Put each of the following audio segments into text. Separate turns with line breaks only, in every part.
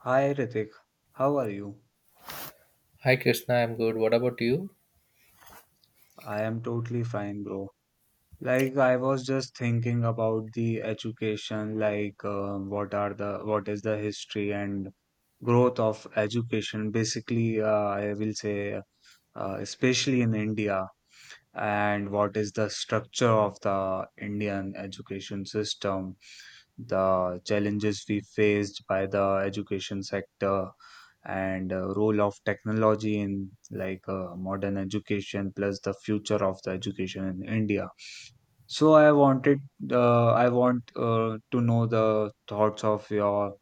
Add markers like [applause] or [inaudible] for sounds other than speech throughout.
Hi Ritik, how are you?
Hi Krishna, I'm good. What about you?
I am totally fine, bro. I was just thinking about the education, what are the what is the history and growth of education. Basically, I will say, especially in India. And what is the structure of the Indian education system, the challenges we faced by the education sector, and role of technology in modern education plus the future of the education in India. So I wanted, I want to know the thoughts of your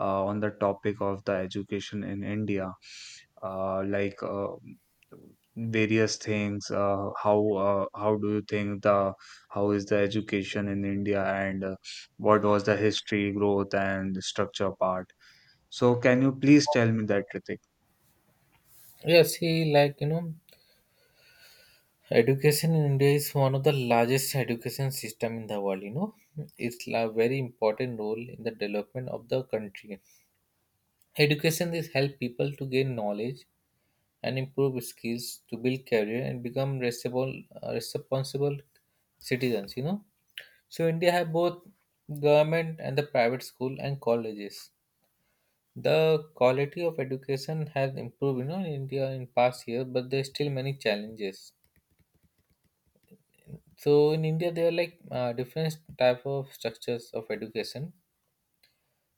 on the topic of the education in India, uh, like uh, various things. How do you think the how is the education in India, and what was the history, growth, and structure part? So can you please tell me that, Ritik?
Yeah, see, like, education in India is one of the largest education system in the world. It's a very important role in the development of the country. Education is help people to gain knowledge and improve skills to build career and become responsible citizens. So India have both government and the private school and colleges. The quality of education has improved, you know, in India in past years, but there's still many challenges. So in India, there are like different type of structures of education.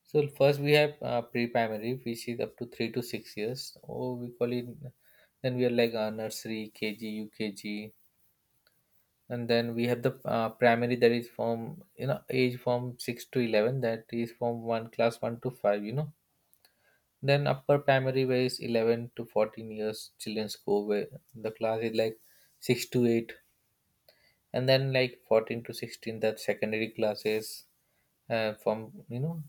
So first we have pre-primary, which is up to 3 to 6 years. Or we call it. Then we are like nursery, KG, UKG, and then we have the primary, that is from age from 6 to 11. That is from one class 1 to 5. Then upper primary, where is 11 to 14 years children go, where the class is like 6 to 8, and then like 14 to 16, that secondary classes, from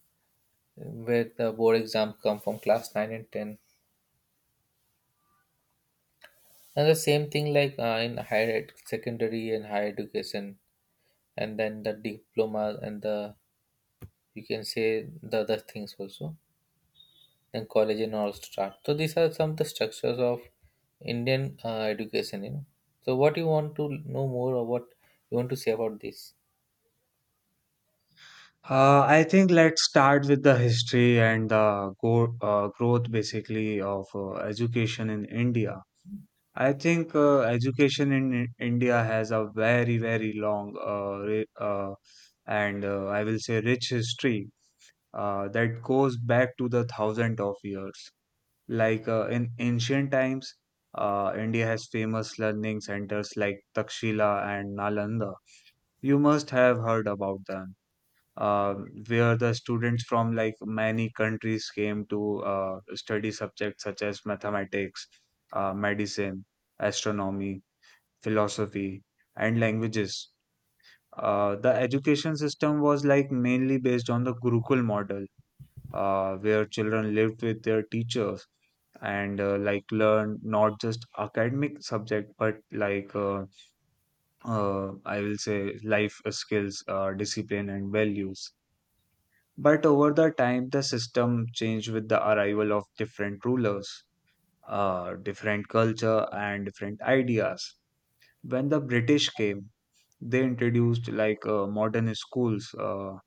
where the board exam come from class 9 and 10, and the same thing, like in higher secondary and higher education, and then the diploma and the, you can say, the other things also, then college and all start. So these are some of the structures of Indian education. So what you want to know more, or what you want to say about this?
I think let's start with the history and the go growth basically of education in India. I think education in India has a very, very long and I will say rich history that goes back to the thousand of years. In ancient times, India has famous learning centers like Takshila and Nalanda. You must have heard about them, uh, where the students from like many countries came to study subjects such as mathematics, medicine, astronomy, philosophy, and languages. The education system was like mainly based on the Gurukul model, where children lived with their teachers and learn not just academic subject but I will say life skills, discipline, and values. But over the time, the system changed with the arrival of different rulers, different culture, and different ideas. When the British came, they introduced modern schools,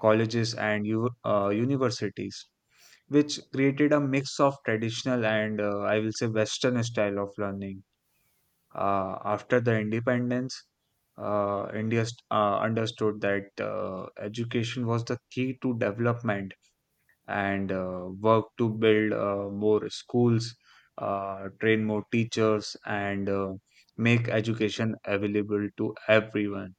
colleges, and universities, which created a mix of traditional and I will say Western style of learning. After the independence, India understood that education was the key to development and work to build more schools, train more teachers, and make education available to everyone.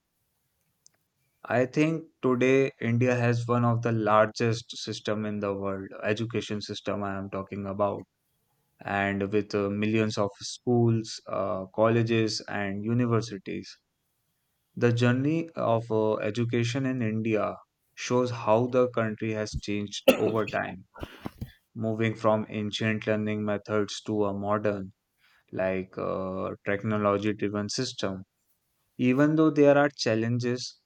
I think today India has one of the largest system in the world, education system I am talking about, and with millions of schools, colleges, and universities. The journey of education in India shows how the country has changed over time, moving from ancient learning methods to a modern, technology driven system. Even though there are challenges,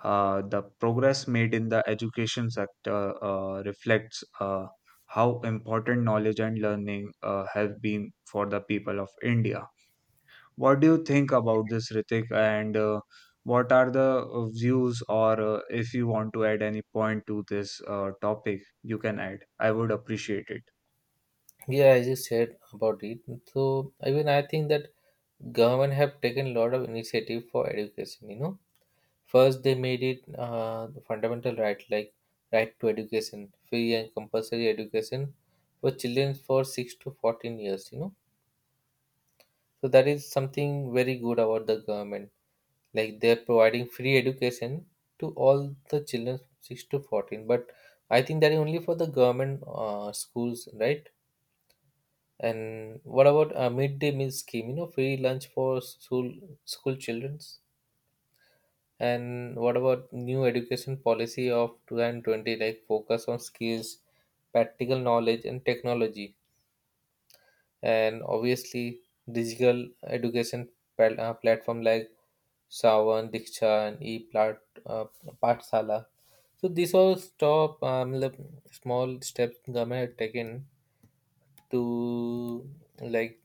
the progress made in the education sector reflects how important knowledge and learning have been for the people of India. What do you think about this, Ritik? And what are the views, or if you want to add any point to this topic, you can add. I would appreciate it.
Yeah, I just said about it. So I mean, I think that government have taken a lot of initiative for education. First they made it the fundamental right, like right to education, free and compulsory education for children for six to fourteen years. So that is something very good about the government. Like they're providing free education to all the children from 6 to 14. But I think that is only for the government schools, right? And what about a midday meal scheme? Free lunch for school childrens. And what about new education policy of 2020, like focus on skills, practical knowledge, and technology? And obviously digital education platform like Savan, Diksha, and e-plat uh, Pathsala. So these all stop, like, small steps government have taken to, like,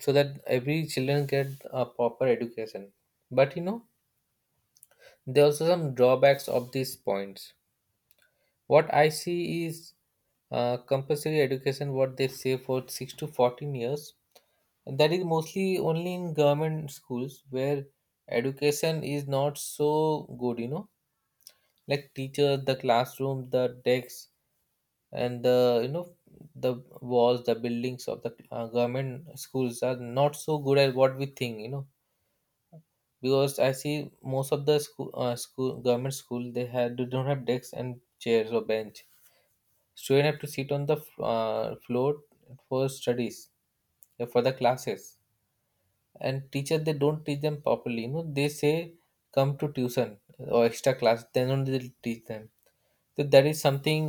so that every children get a proper education. But there are also some drawbacks of these points. What I see is compulsory education, what they say, for 6 to 14 years, that is mostly only in government schools, where education is not so good, like teachers, the classroom, the desks, and the, the walls, the buildings of the government schools are not so good as what we think, because I see most of the school government school, they don't have desks and chairs or bench. Students have to sit on the floor for studies, for the classes. And teacher, they don't teach them properly, they say, come to tuition or extra class, then only they'll teach them. So that is something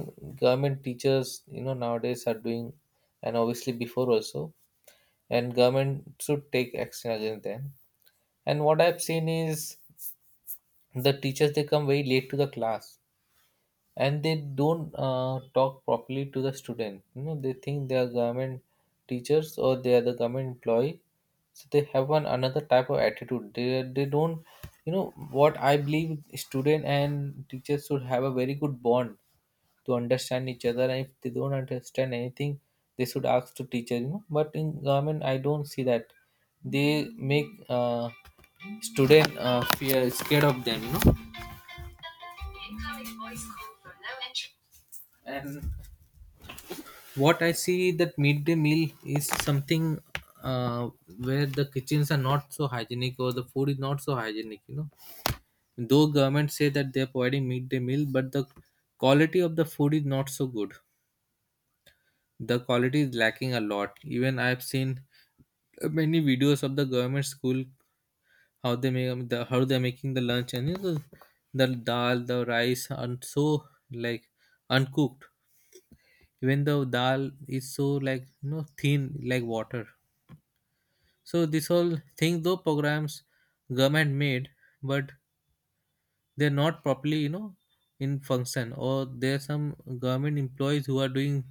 government teachers, you know, nowadays are doing, and obviously before also. And government should take action against them. And what I've seen is, the teachers, they come very late to the class, and they don't talk properly to the student, they think they are government teachers or they are the government employee, so they have one another type of attitude. They don't, you know what I believe, student and teachers should have a very good bond to understand each other, and if they don't understand anything, they should ask to teacher, but in government I don't see that. They make student fear, scared of them. And what I see, that midday meal is something uh, where the kitchens are not so hygienic, or the food is not so hygienic, though governments say that they're providing midday meal, but the quality of the food is not so good. The quality is lacking a lot. Even I've seen many videos of the government school, how they make, the how they're making the lunch, and the dal, the rice, and so, like, uncooked, even though dal is so, like, thin, like water. So this whole thing, though programs government made, but they're not properly, in function, or there are some government employees who are doing,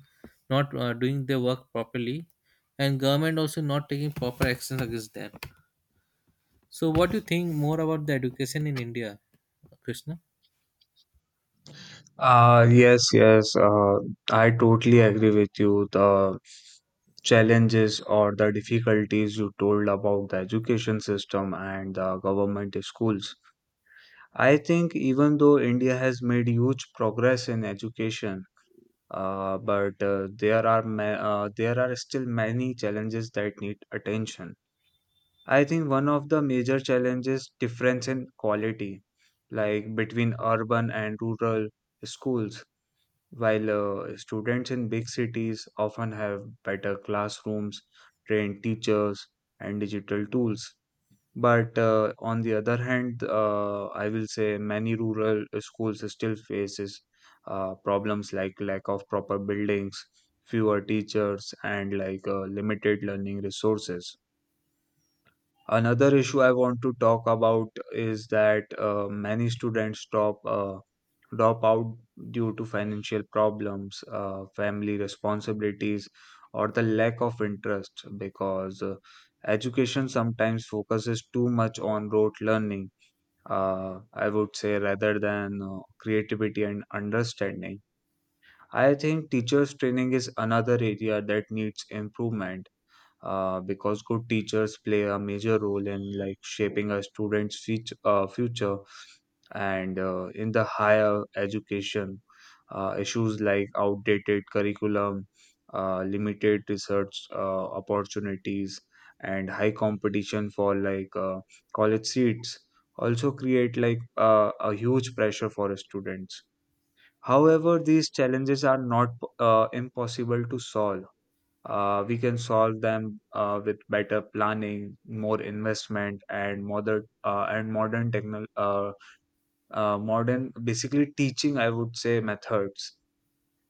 not doing their work properly, and government also not taking proper actions against them. So what do you think more about the education in India, Krishna?
Yes, yes. I totally agree with you. The challenges or the difficulties you told about the education system and the government schools. I think even though India has made huge progress in education, but there are still many challenges that need attention. I think one of the major challenges difference in quality, like between urban and rural schools, while students in big cities often have better classrooms, trained teachers, and digital tools. But on the other hand, I will say many rural schools still faces problems like lack of proper buildings, fewer teachers, and limited learning resources. Another issue I want to talk about is that many students stop drop out due to financial problems, family responsibilities, or the lack of interest, because education sometimes focuses too much on rote learning, I would say, rather than creativity and understanding. I think teachers' training is another area that needs improvement, because good teachers play a major role in like shaping a student's future. And in the higher education, issues like outdated curriculum, limited research opportunities, and high competition for college seats also create a huge pressure for students. However, these challenges are not impossible to solve. We can solve them with better planning, more investment, and modern techno modern basically teaching. I would say methods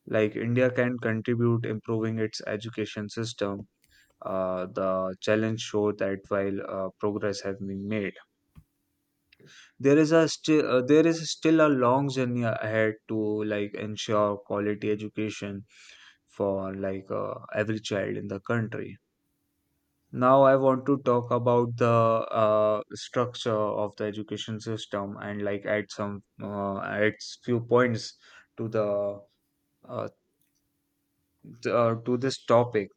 like India can contribute improving its education system. The challenge show that while progress has been made, there is still a long journey ahead to like ensure quality education for every child in the country. Now, I want to talk about the structure of the education system and add few points to the uh, to this topic.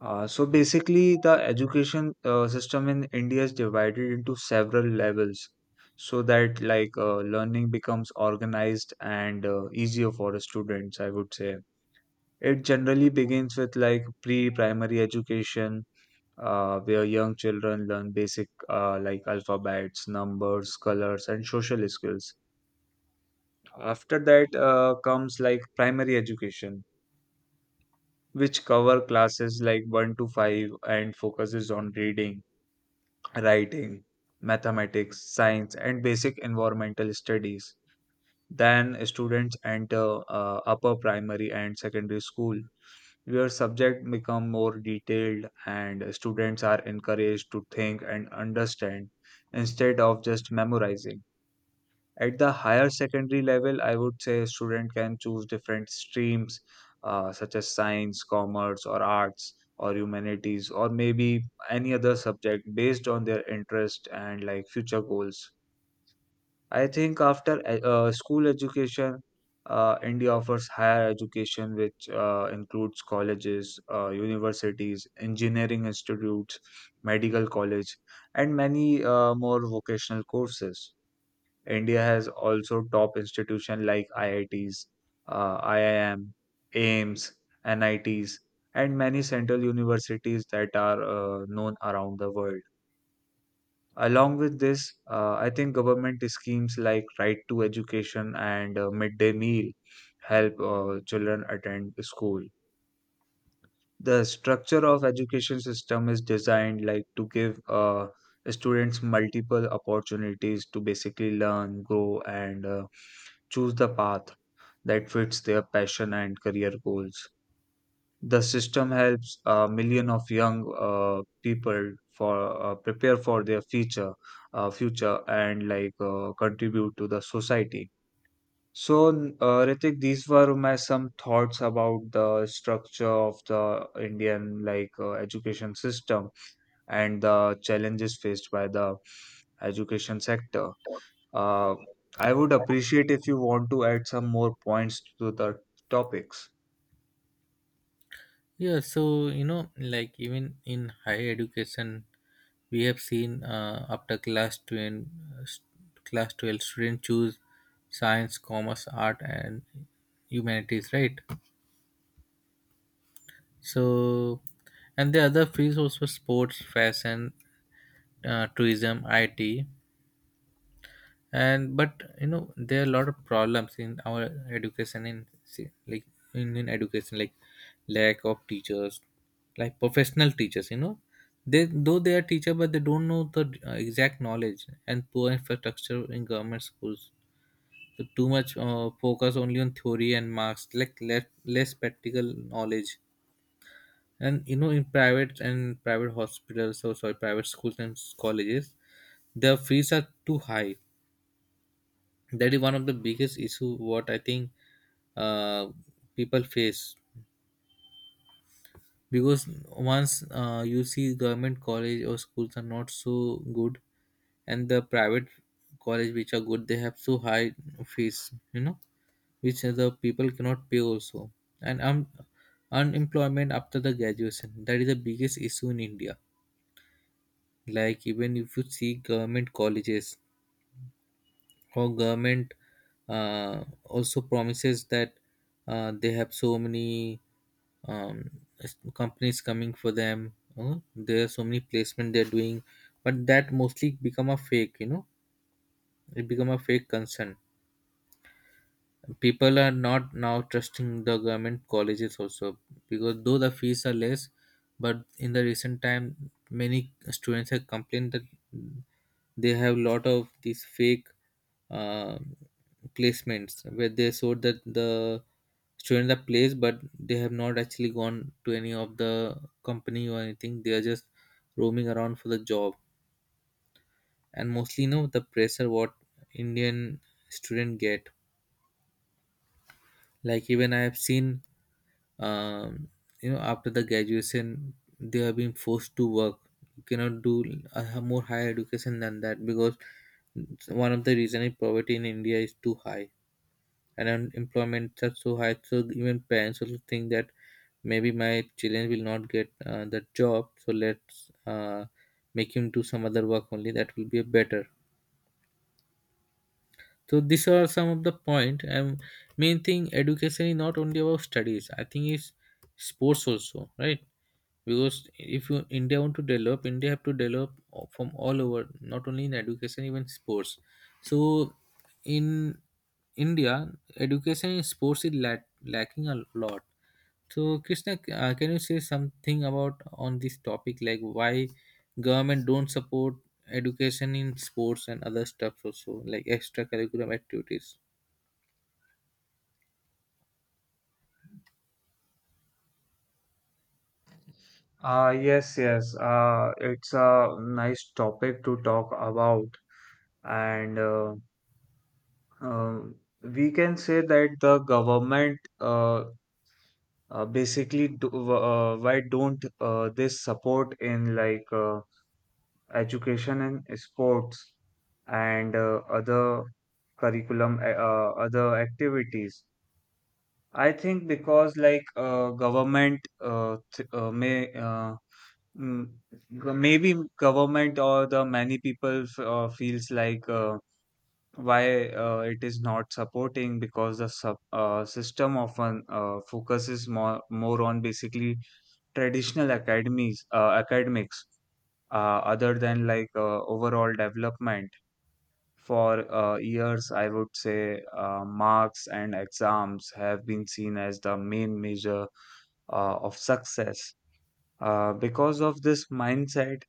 So basically, the education system in India is divided into several levels, so that learning becomes organized and easier for the students. I would say it generally begins with like pre-primary education, where young children learn basic alphabets, numbers, colors, and social skills. After that comes like primary education, which cover classes like 1 to 5 and focuses on reading, writing, mathematics, science, and basic environmental studies. Then students enter upper primary and secondary school, where subject become more detailed and students are encouraged to think and understand instead of just memorizing. At the higher secondary level, I would say a student can choose different streams, such as science, commerce, or arts, or humanities, or maybe any other subject based on their interest and like future goals. I think after school education, India offers higher education, which includes colleges, universities, engineering institutes, medical college, and many more vocational courses. India has also top institutions like IITs, IIM, AIMS, NITs, and many central universities that are known around the world. Along with this, I think government schemes like Right to Education and Midday Meal help children attend school. The structure of education system is designed like to give students multiple opportunities to basically learn, grow, and choose the path that fits their passion and career goals. The system helps a million of young people for prepare for their future and contribute to the society. So, Ritik, these were my some thoughts about the structure of the Indian education system and the challenges faced by the education sector. Uh, I would appreciate if you want to add some more points to the topics.
Yeah, so like, even in higher education, we have seen after class 12, uh, s- class 12, students choose science, commerce, art, and humanities, right? So, and the other fields also, sports, fashion, tourism, IT. And but there are a lot of problems in our education. In, see, like, Indian education, like, lack of teachers, like professional teachers, they though they are teacher, but they don't know the exact knowledge, and poor infrastructure in government schools. So too much focus only on theory and marks, like less, less practical knowledge. And in private, and private hospitals, or sorry, private schools and colleges, the fees are too high. That is one of the biggest issue, what I think uh, people face, because once, you see, government college or schools are not so good, and the private college which are good, they have so high fees, which the people cannot pay also. And unemployment after the graduation, that is the biggest issue in India. Like, even if you see government colleges, our government also promises that they have so many, um, companies coming for them, there are so many placement they're doing, but that mostly become a fake, it become a fake concern. People are not now trusting the government colleges also, because though the fees are less, but in the recent time many students have complained that they have lot of these fake uh, placements, where they showed that the students are placed, but they have not actually gone to any of the company or anything. They are just roaming around for the job. And mostly, the pressure what Indian student get, like, even I have seen, um, after the graduation, they have been forced to work. You cannot do a more higher education than that, because one of the reason is poverty in India is too high, and unemployment are so high. So even parents also think that maybe my children will not get the job, so let's, make him do some other work only, that will be better. So these are some of the point. And main thing, education is not only about studies. I think it's sports also, right? Because if you, India want to develop, India have to develop from all over, not only in education, even sports. So in India, education in sports is lacking a lot. So, Krishna, can you say something about on this topic, like, why government don't support education in sports and other stuff also, like extracurricular activities?
Yes, yes. It's a nice topic to talk about, and um, we can say that the government basically why don't they support in education and sports and other curriculum, other activities. I think because government th may Mm, g- maybe government or the many people feels why it is not supporting, because the system often focuses more on basically traditional academies academics other than overall development. For years, I would say marks and exams have been seen as the main measure of success. Because of this mindset,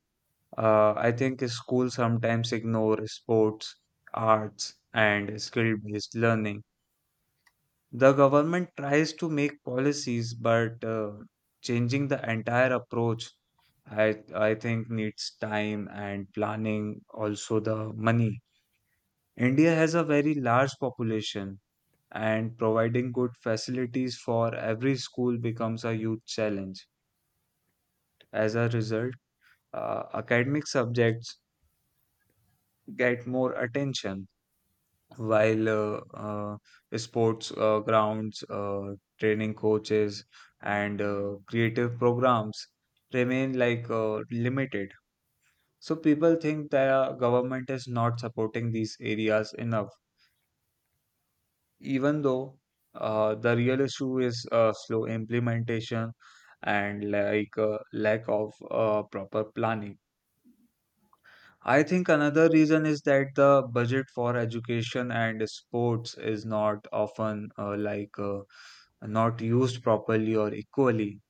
I think schools sometimes ignore sports, arts, and skill-based learning. The government tries to make policies, but changing the entire approach, I think needs time and planning, also the money. India has a very large population, and providing good facilities for every school becomes a huge challenge. As a result, academic subjects get more attention while sports grounds, training coaches, and creative programs remain limited. So people think the government is not supporting these areas enough, even though the real issue is slow implementation and lack of proper planning. I think another reason is that the budget for education and sports is not often not used properly or equally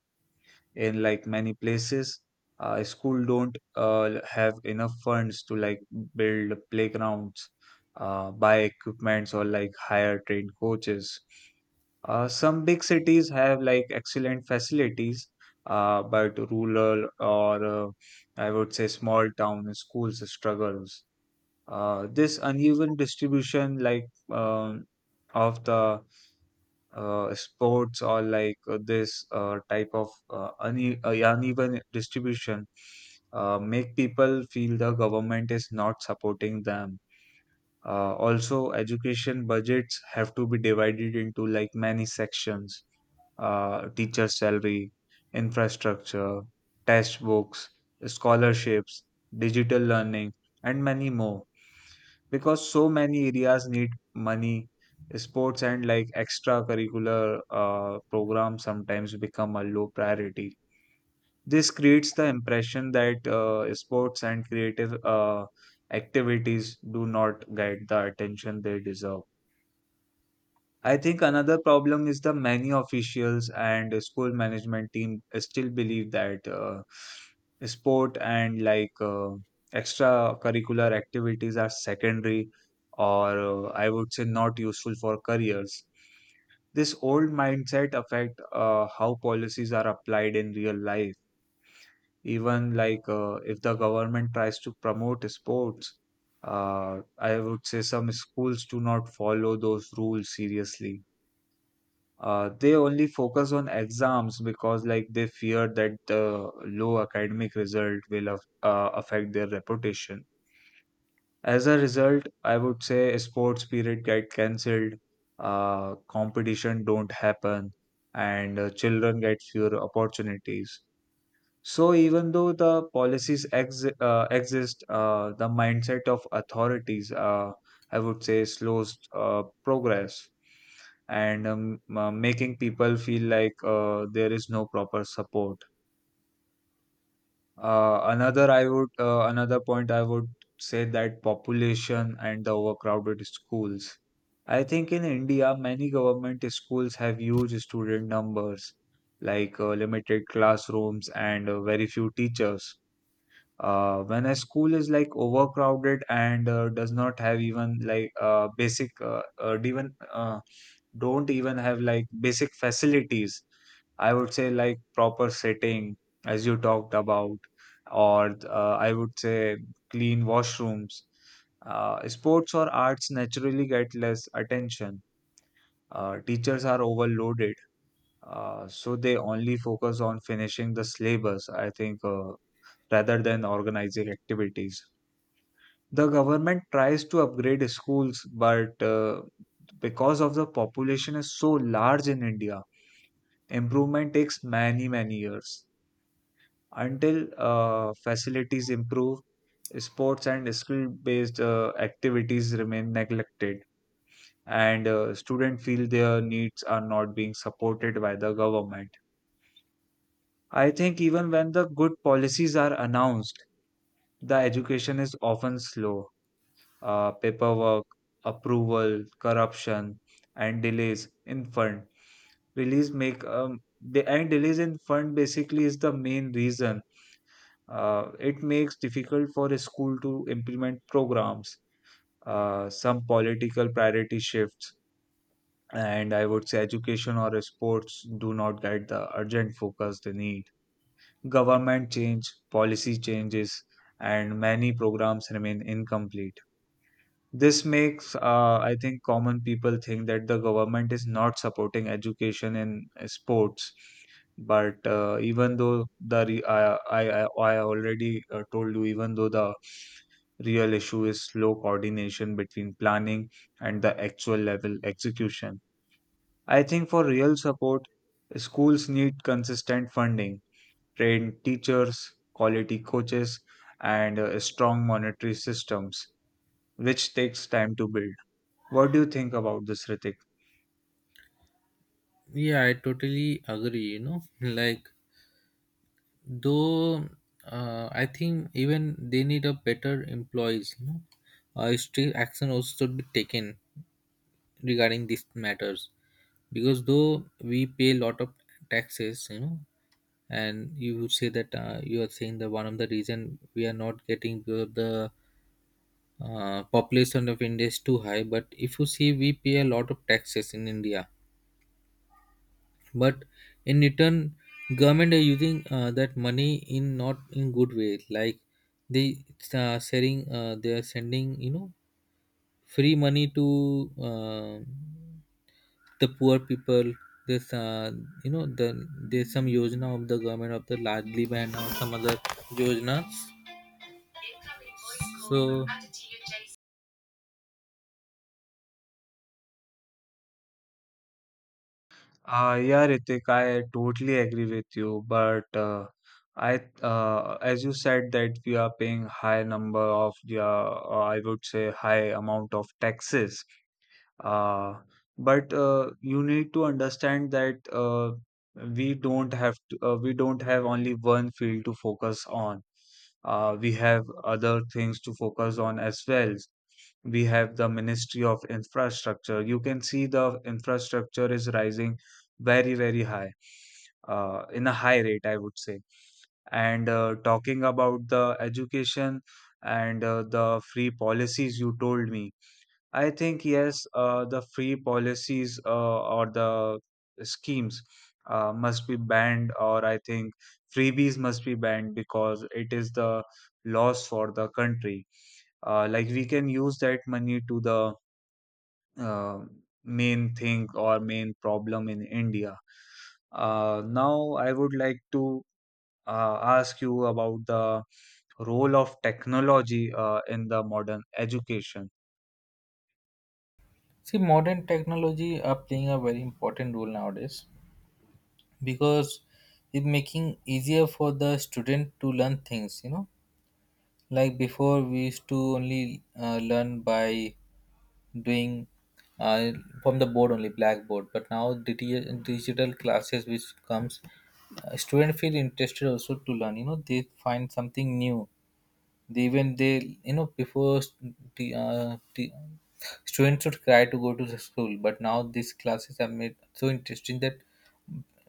in like many places. School don't have enough funds to like build playgrounds, buy equipments, or like hire trained coaches. Some big cities have like excellent facilities, but rural or I would say small town schools struggles. This uneven distribution, um, of the sports or this type of uneven distribution, make people feel the government is not supporting them. Also, education budgets have to be divided into like many sections teacher salary, infrastructure, test books, scholarships, digital learning, and many more because so many areas need money sports and like extracurricular programs sometimes become a low priority. This creates the impression that sports and creative activities do not get the attention they deserve. I think another problem is the many officials and school management team still believe that sport and like extracurricular activities are secondary or I would say not useful for careers. This old mindset affect how policies are applied in real life. Even like if the government tries to promote sports, I would say some schools do not follow those rules seriously. They only focus on exams because like they fear that the low academic result will affect their reputation. As a result, I would say sports period get cancelled, competition don't happen, and children get fewer opportunities. So even though the policies exist, the mindset of authorities, I would say, slows progress and making people feel like there is no proper support. Another point I would say that population and the overcrowded schools. I think in India, many government schools have huge student numbers, like limited classrooms and very few teachers. When a school is like overcrowded and does not have even like basic even don't even have like basic facilities, I would say like proper setting, as you talked about, or I would say clean washrooms, sports or arts naturally get less attention. Teachers are overloaded, so they only focus on finishing the syllabus, I think, rather than organizing activities. The government tries to upgrade schools, but because of the population is so large in India, improvement takes many many years until facilities improve. Sports and skill based activities remain neglected, and students feel their needs are not being supported by the government. I think even when the good policies are announced, the education is often slow. Paperwork, approval, corruption, and delays in fund. Release make the and delays in fund basically is the main reason. It makes difficult for a school to implement programs, some political priority shifts, and I would say education or sports do not get the urgent focus they need. Government change, policy changes, and many programs remain incomplete. This makes, I think, common people think that the government is not supporting education in sports. But even though the re- I already told you, even though the real issue is slow coordination between planning and the actual level execution, I think for real support, schools need consistent funding, trained teachers, quality coaches, and strong monetary systems, which takes time to build. What do you think about this, Ritik?
Yeah, I totally agree, [laughs] like, though, I think even they need a better employees, strict action also should be taken regarding these matters, because though we pay a lot of taxes, and you would say that you are saying that, one of the reason we are not getting, because of the population of India is too high. But if you see, we pay a lot of taxes in India, but in return government are using that money in not in good way, like, they they are sending, free money to, the poor people. There's, uh, you know the there's some yojana of the government of the largely band, or some other yojanas, so.
Yeah, Ritik, I totally agree with you. But as you said, that we are paying high number of the, I would say, high amount of taxes. Uh, but You need to understand that we don't have only one field to focus on. We have other things to focus on as well. We have the ministry of infrastructure. You can see the infrastructure is rising very very high, in a high rate, I would say. And talking about the education and the free policies you told me, I think yes, the free policies or the schemes must be banned, or I think freebies must be banned because it is the loss for the country. Like, we can use that money to the uh, main thing or main problem in India. Now, I would like to ask you about the role of technology in the modern education.
See, modern technology are playing a very important role nowadays, because it making easier for the student to learn things, like before, we used to only learn by doing, uh, from the board only, blackboard, but now, digital classes which comes, student feel interested also to learn, they find something new. They, even they, before the students should cry to go to the school, but now these classes are made so interesting that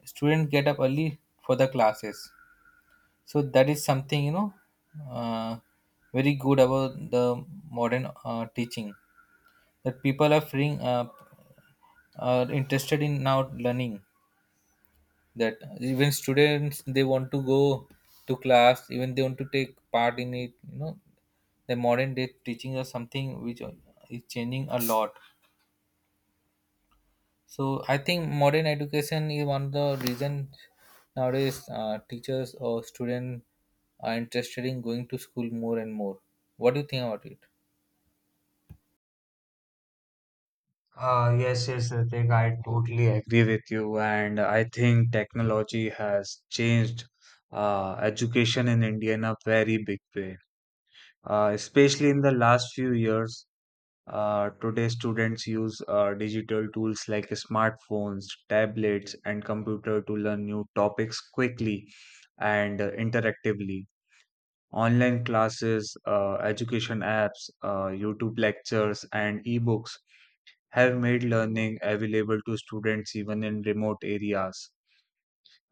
students get up early for the classes. So that is something, uh, very good about the modern teaching, that people are freeing up, are interested in now learning, that even students, they want to go to class, even they want to take part in it, the modern day teaching is something which is changing a lot. So I think modern education is one of the reason nowadays teachers or students are interested in going to school more and more. What do you think about it?
Yes, yes, Ritik, I totally agree with you, and I think technology has changed education in India in a very big way. Especially in the last few years, today, students use digital tools like smartphones, tablets, and computer to learn new topics quickly and interactively. Online classes, education apps, YouTube lectures, and ebooks have made learning available to students even in remote areas.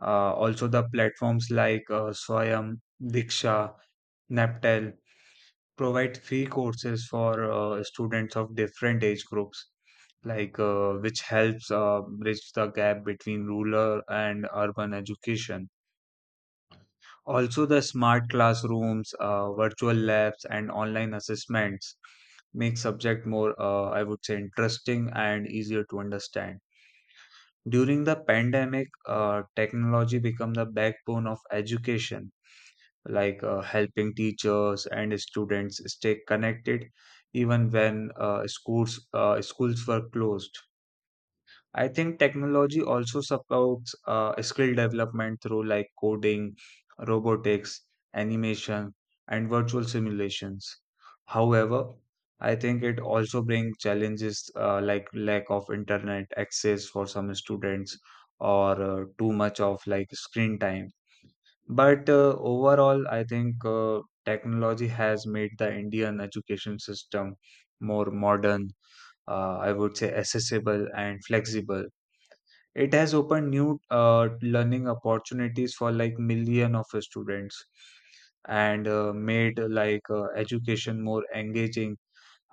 Also, the platforms like Swayam, Diksha, Naptel provide free courses for students of different age groups, like which helps bridge the gap between rural and urban education. Also, the smart classrooms, virtual labs, and online assessments make subject more, I would say, interesting and easier to understand. During the pandemic, technology became the backbone of education, like helping teachers and students stay connected even when schools were closed. I think technology also supports skill development through like coding, robotics, animation, and virtual simulations. However, I think it also brings challenges like lack of internet access for some students or too much of like screen time. But overall, I think technology has made the Indian education system more modern, I would say accessible and flexible. It has opened new learning opportunities for like million of students, and made like education more engaging,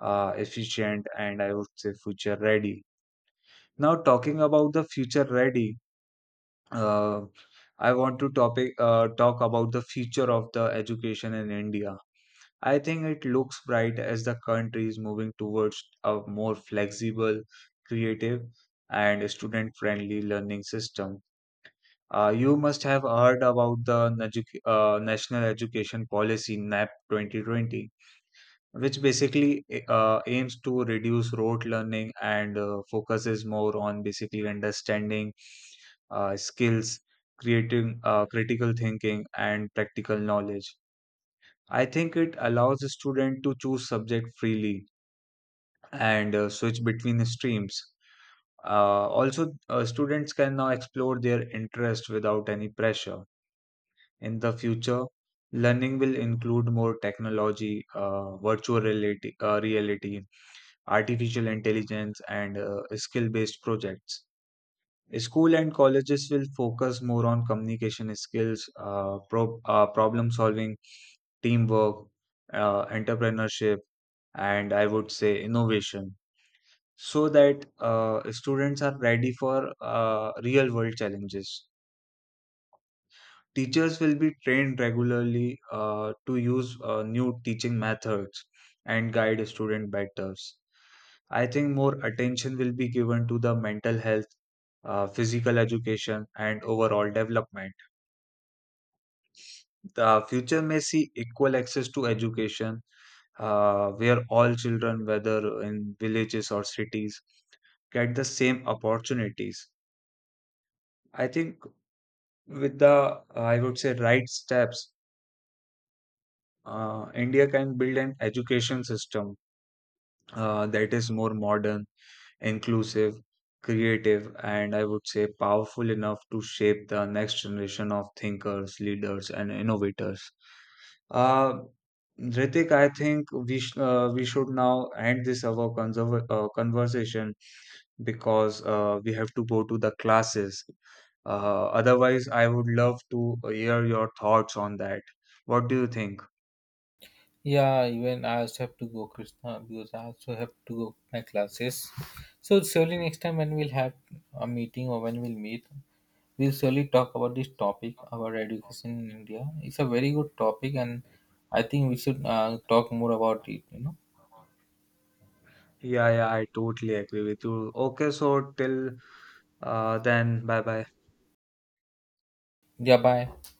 efficient, and I would say future ready. Now, talking about the future ready, uh, I want to topic talk about the future of the education in India. I think it looks bright as the country is moving towards a more flexible, creative, and student-friendly learning system. You must have heard about the National Education Policy NAP 2020, which basically aims to reduce rote learning and focuses more on basically understanding skills, creating critical thinking, and practical knowledge. I think it allows the student to choose subject freely and switch between the streams. Also, students can now explore their interest without any pressure. In the future, learning will include more technology, virtual reality, reality, artificial intelligence, and skill based projects. School and colleges will focus more on communication skills, problem solving, teamwork, entrepreneurship, and I would say innovation so that students are ready for real world challenges. Teachers will be trained regularly to use new teaching methods and guide student better. I think more attention will be given to the mental health, physical education, and overall development. The future may see equal access to education, where all children, whether in villages or cities, get the same opportunities. I think with the, I would say, right steps, India can build an education system that is more modern, inclusive, creative, and I would say powerful enough to shape the next generation of thinkers, leaders, and innovators. Uh, Ritik, I think we should now end this our conserv conversation because we have to go to the classes. Otherwise, I would love to hear your thoughts on that. What do you think?
Yeah, even I also have to go, Krishna, because I also have to go my classes. So surely next time when we'll have a meeting, or when we'll meet, we'll surely talk about this topic about education in India. It's a very good topic, and I think we should talk more about it.
Yeah, yeah, I totally agree with you. Okay, so till then, bye bye.
Yeah. Bye.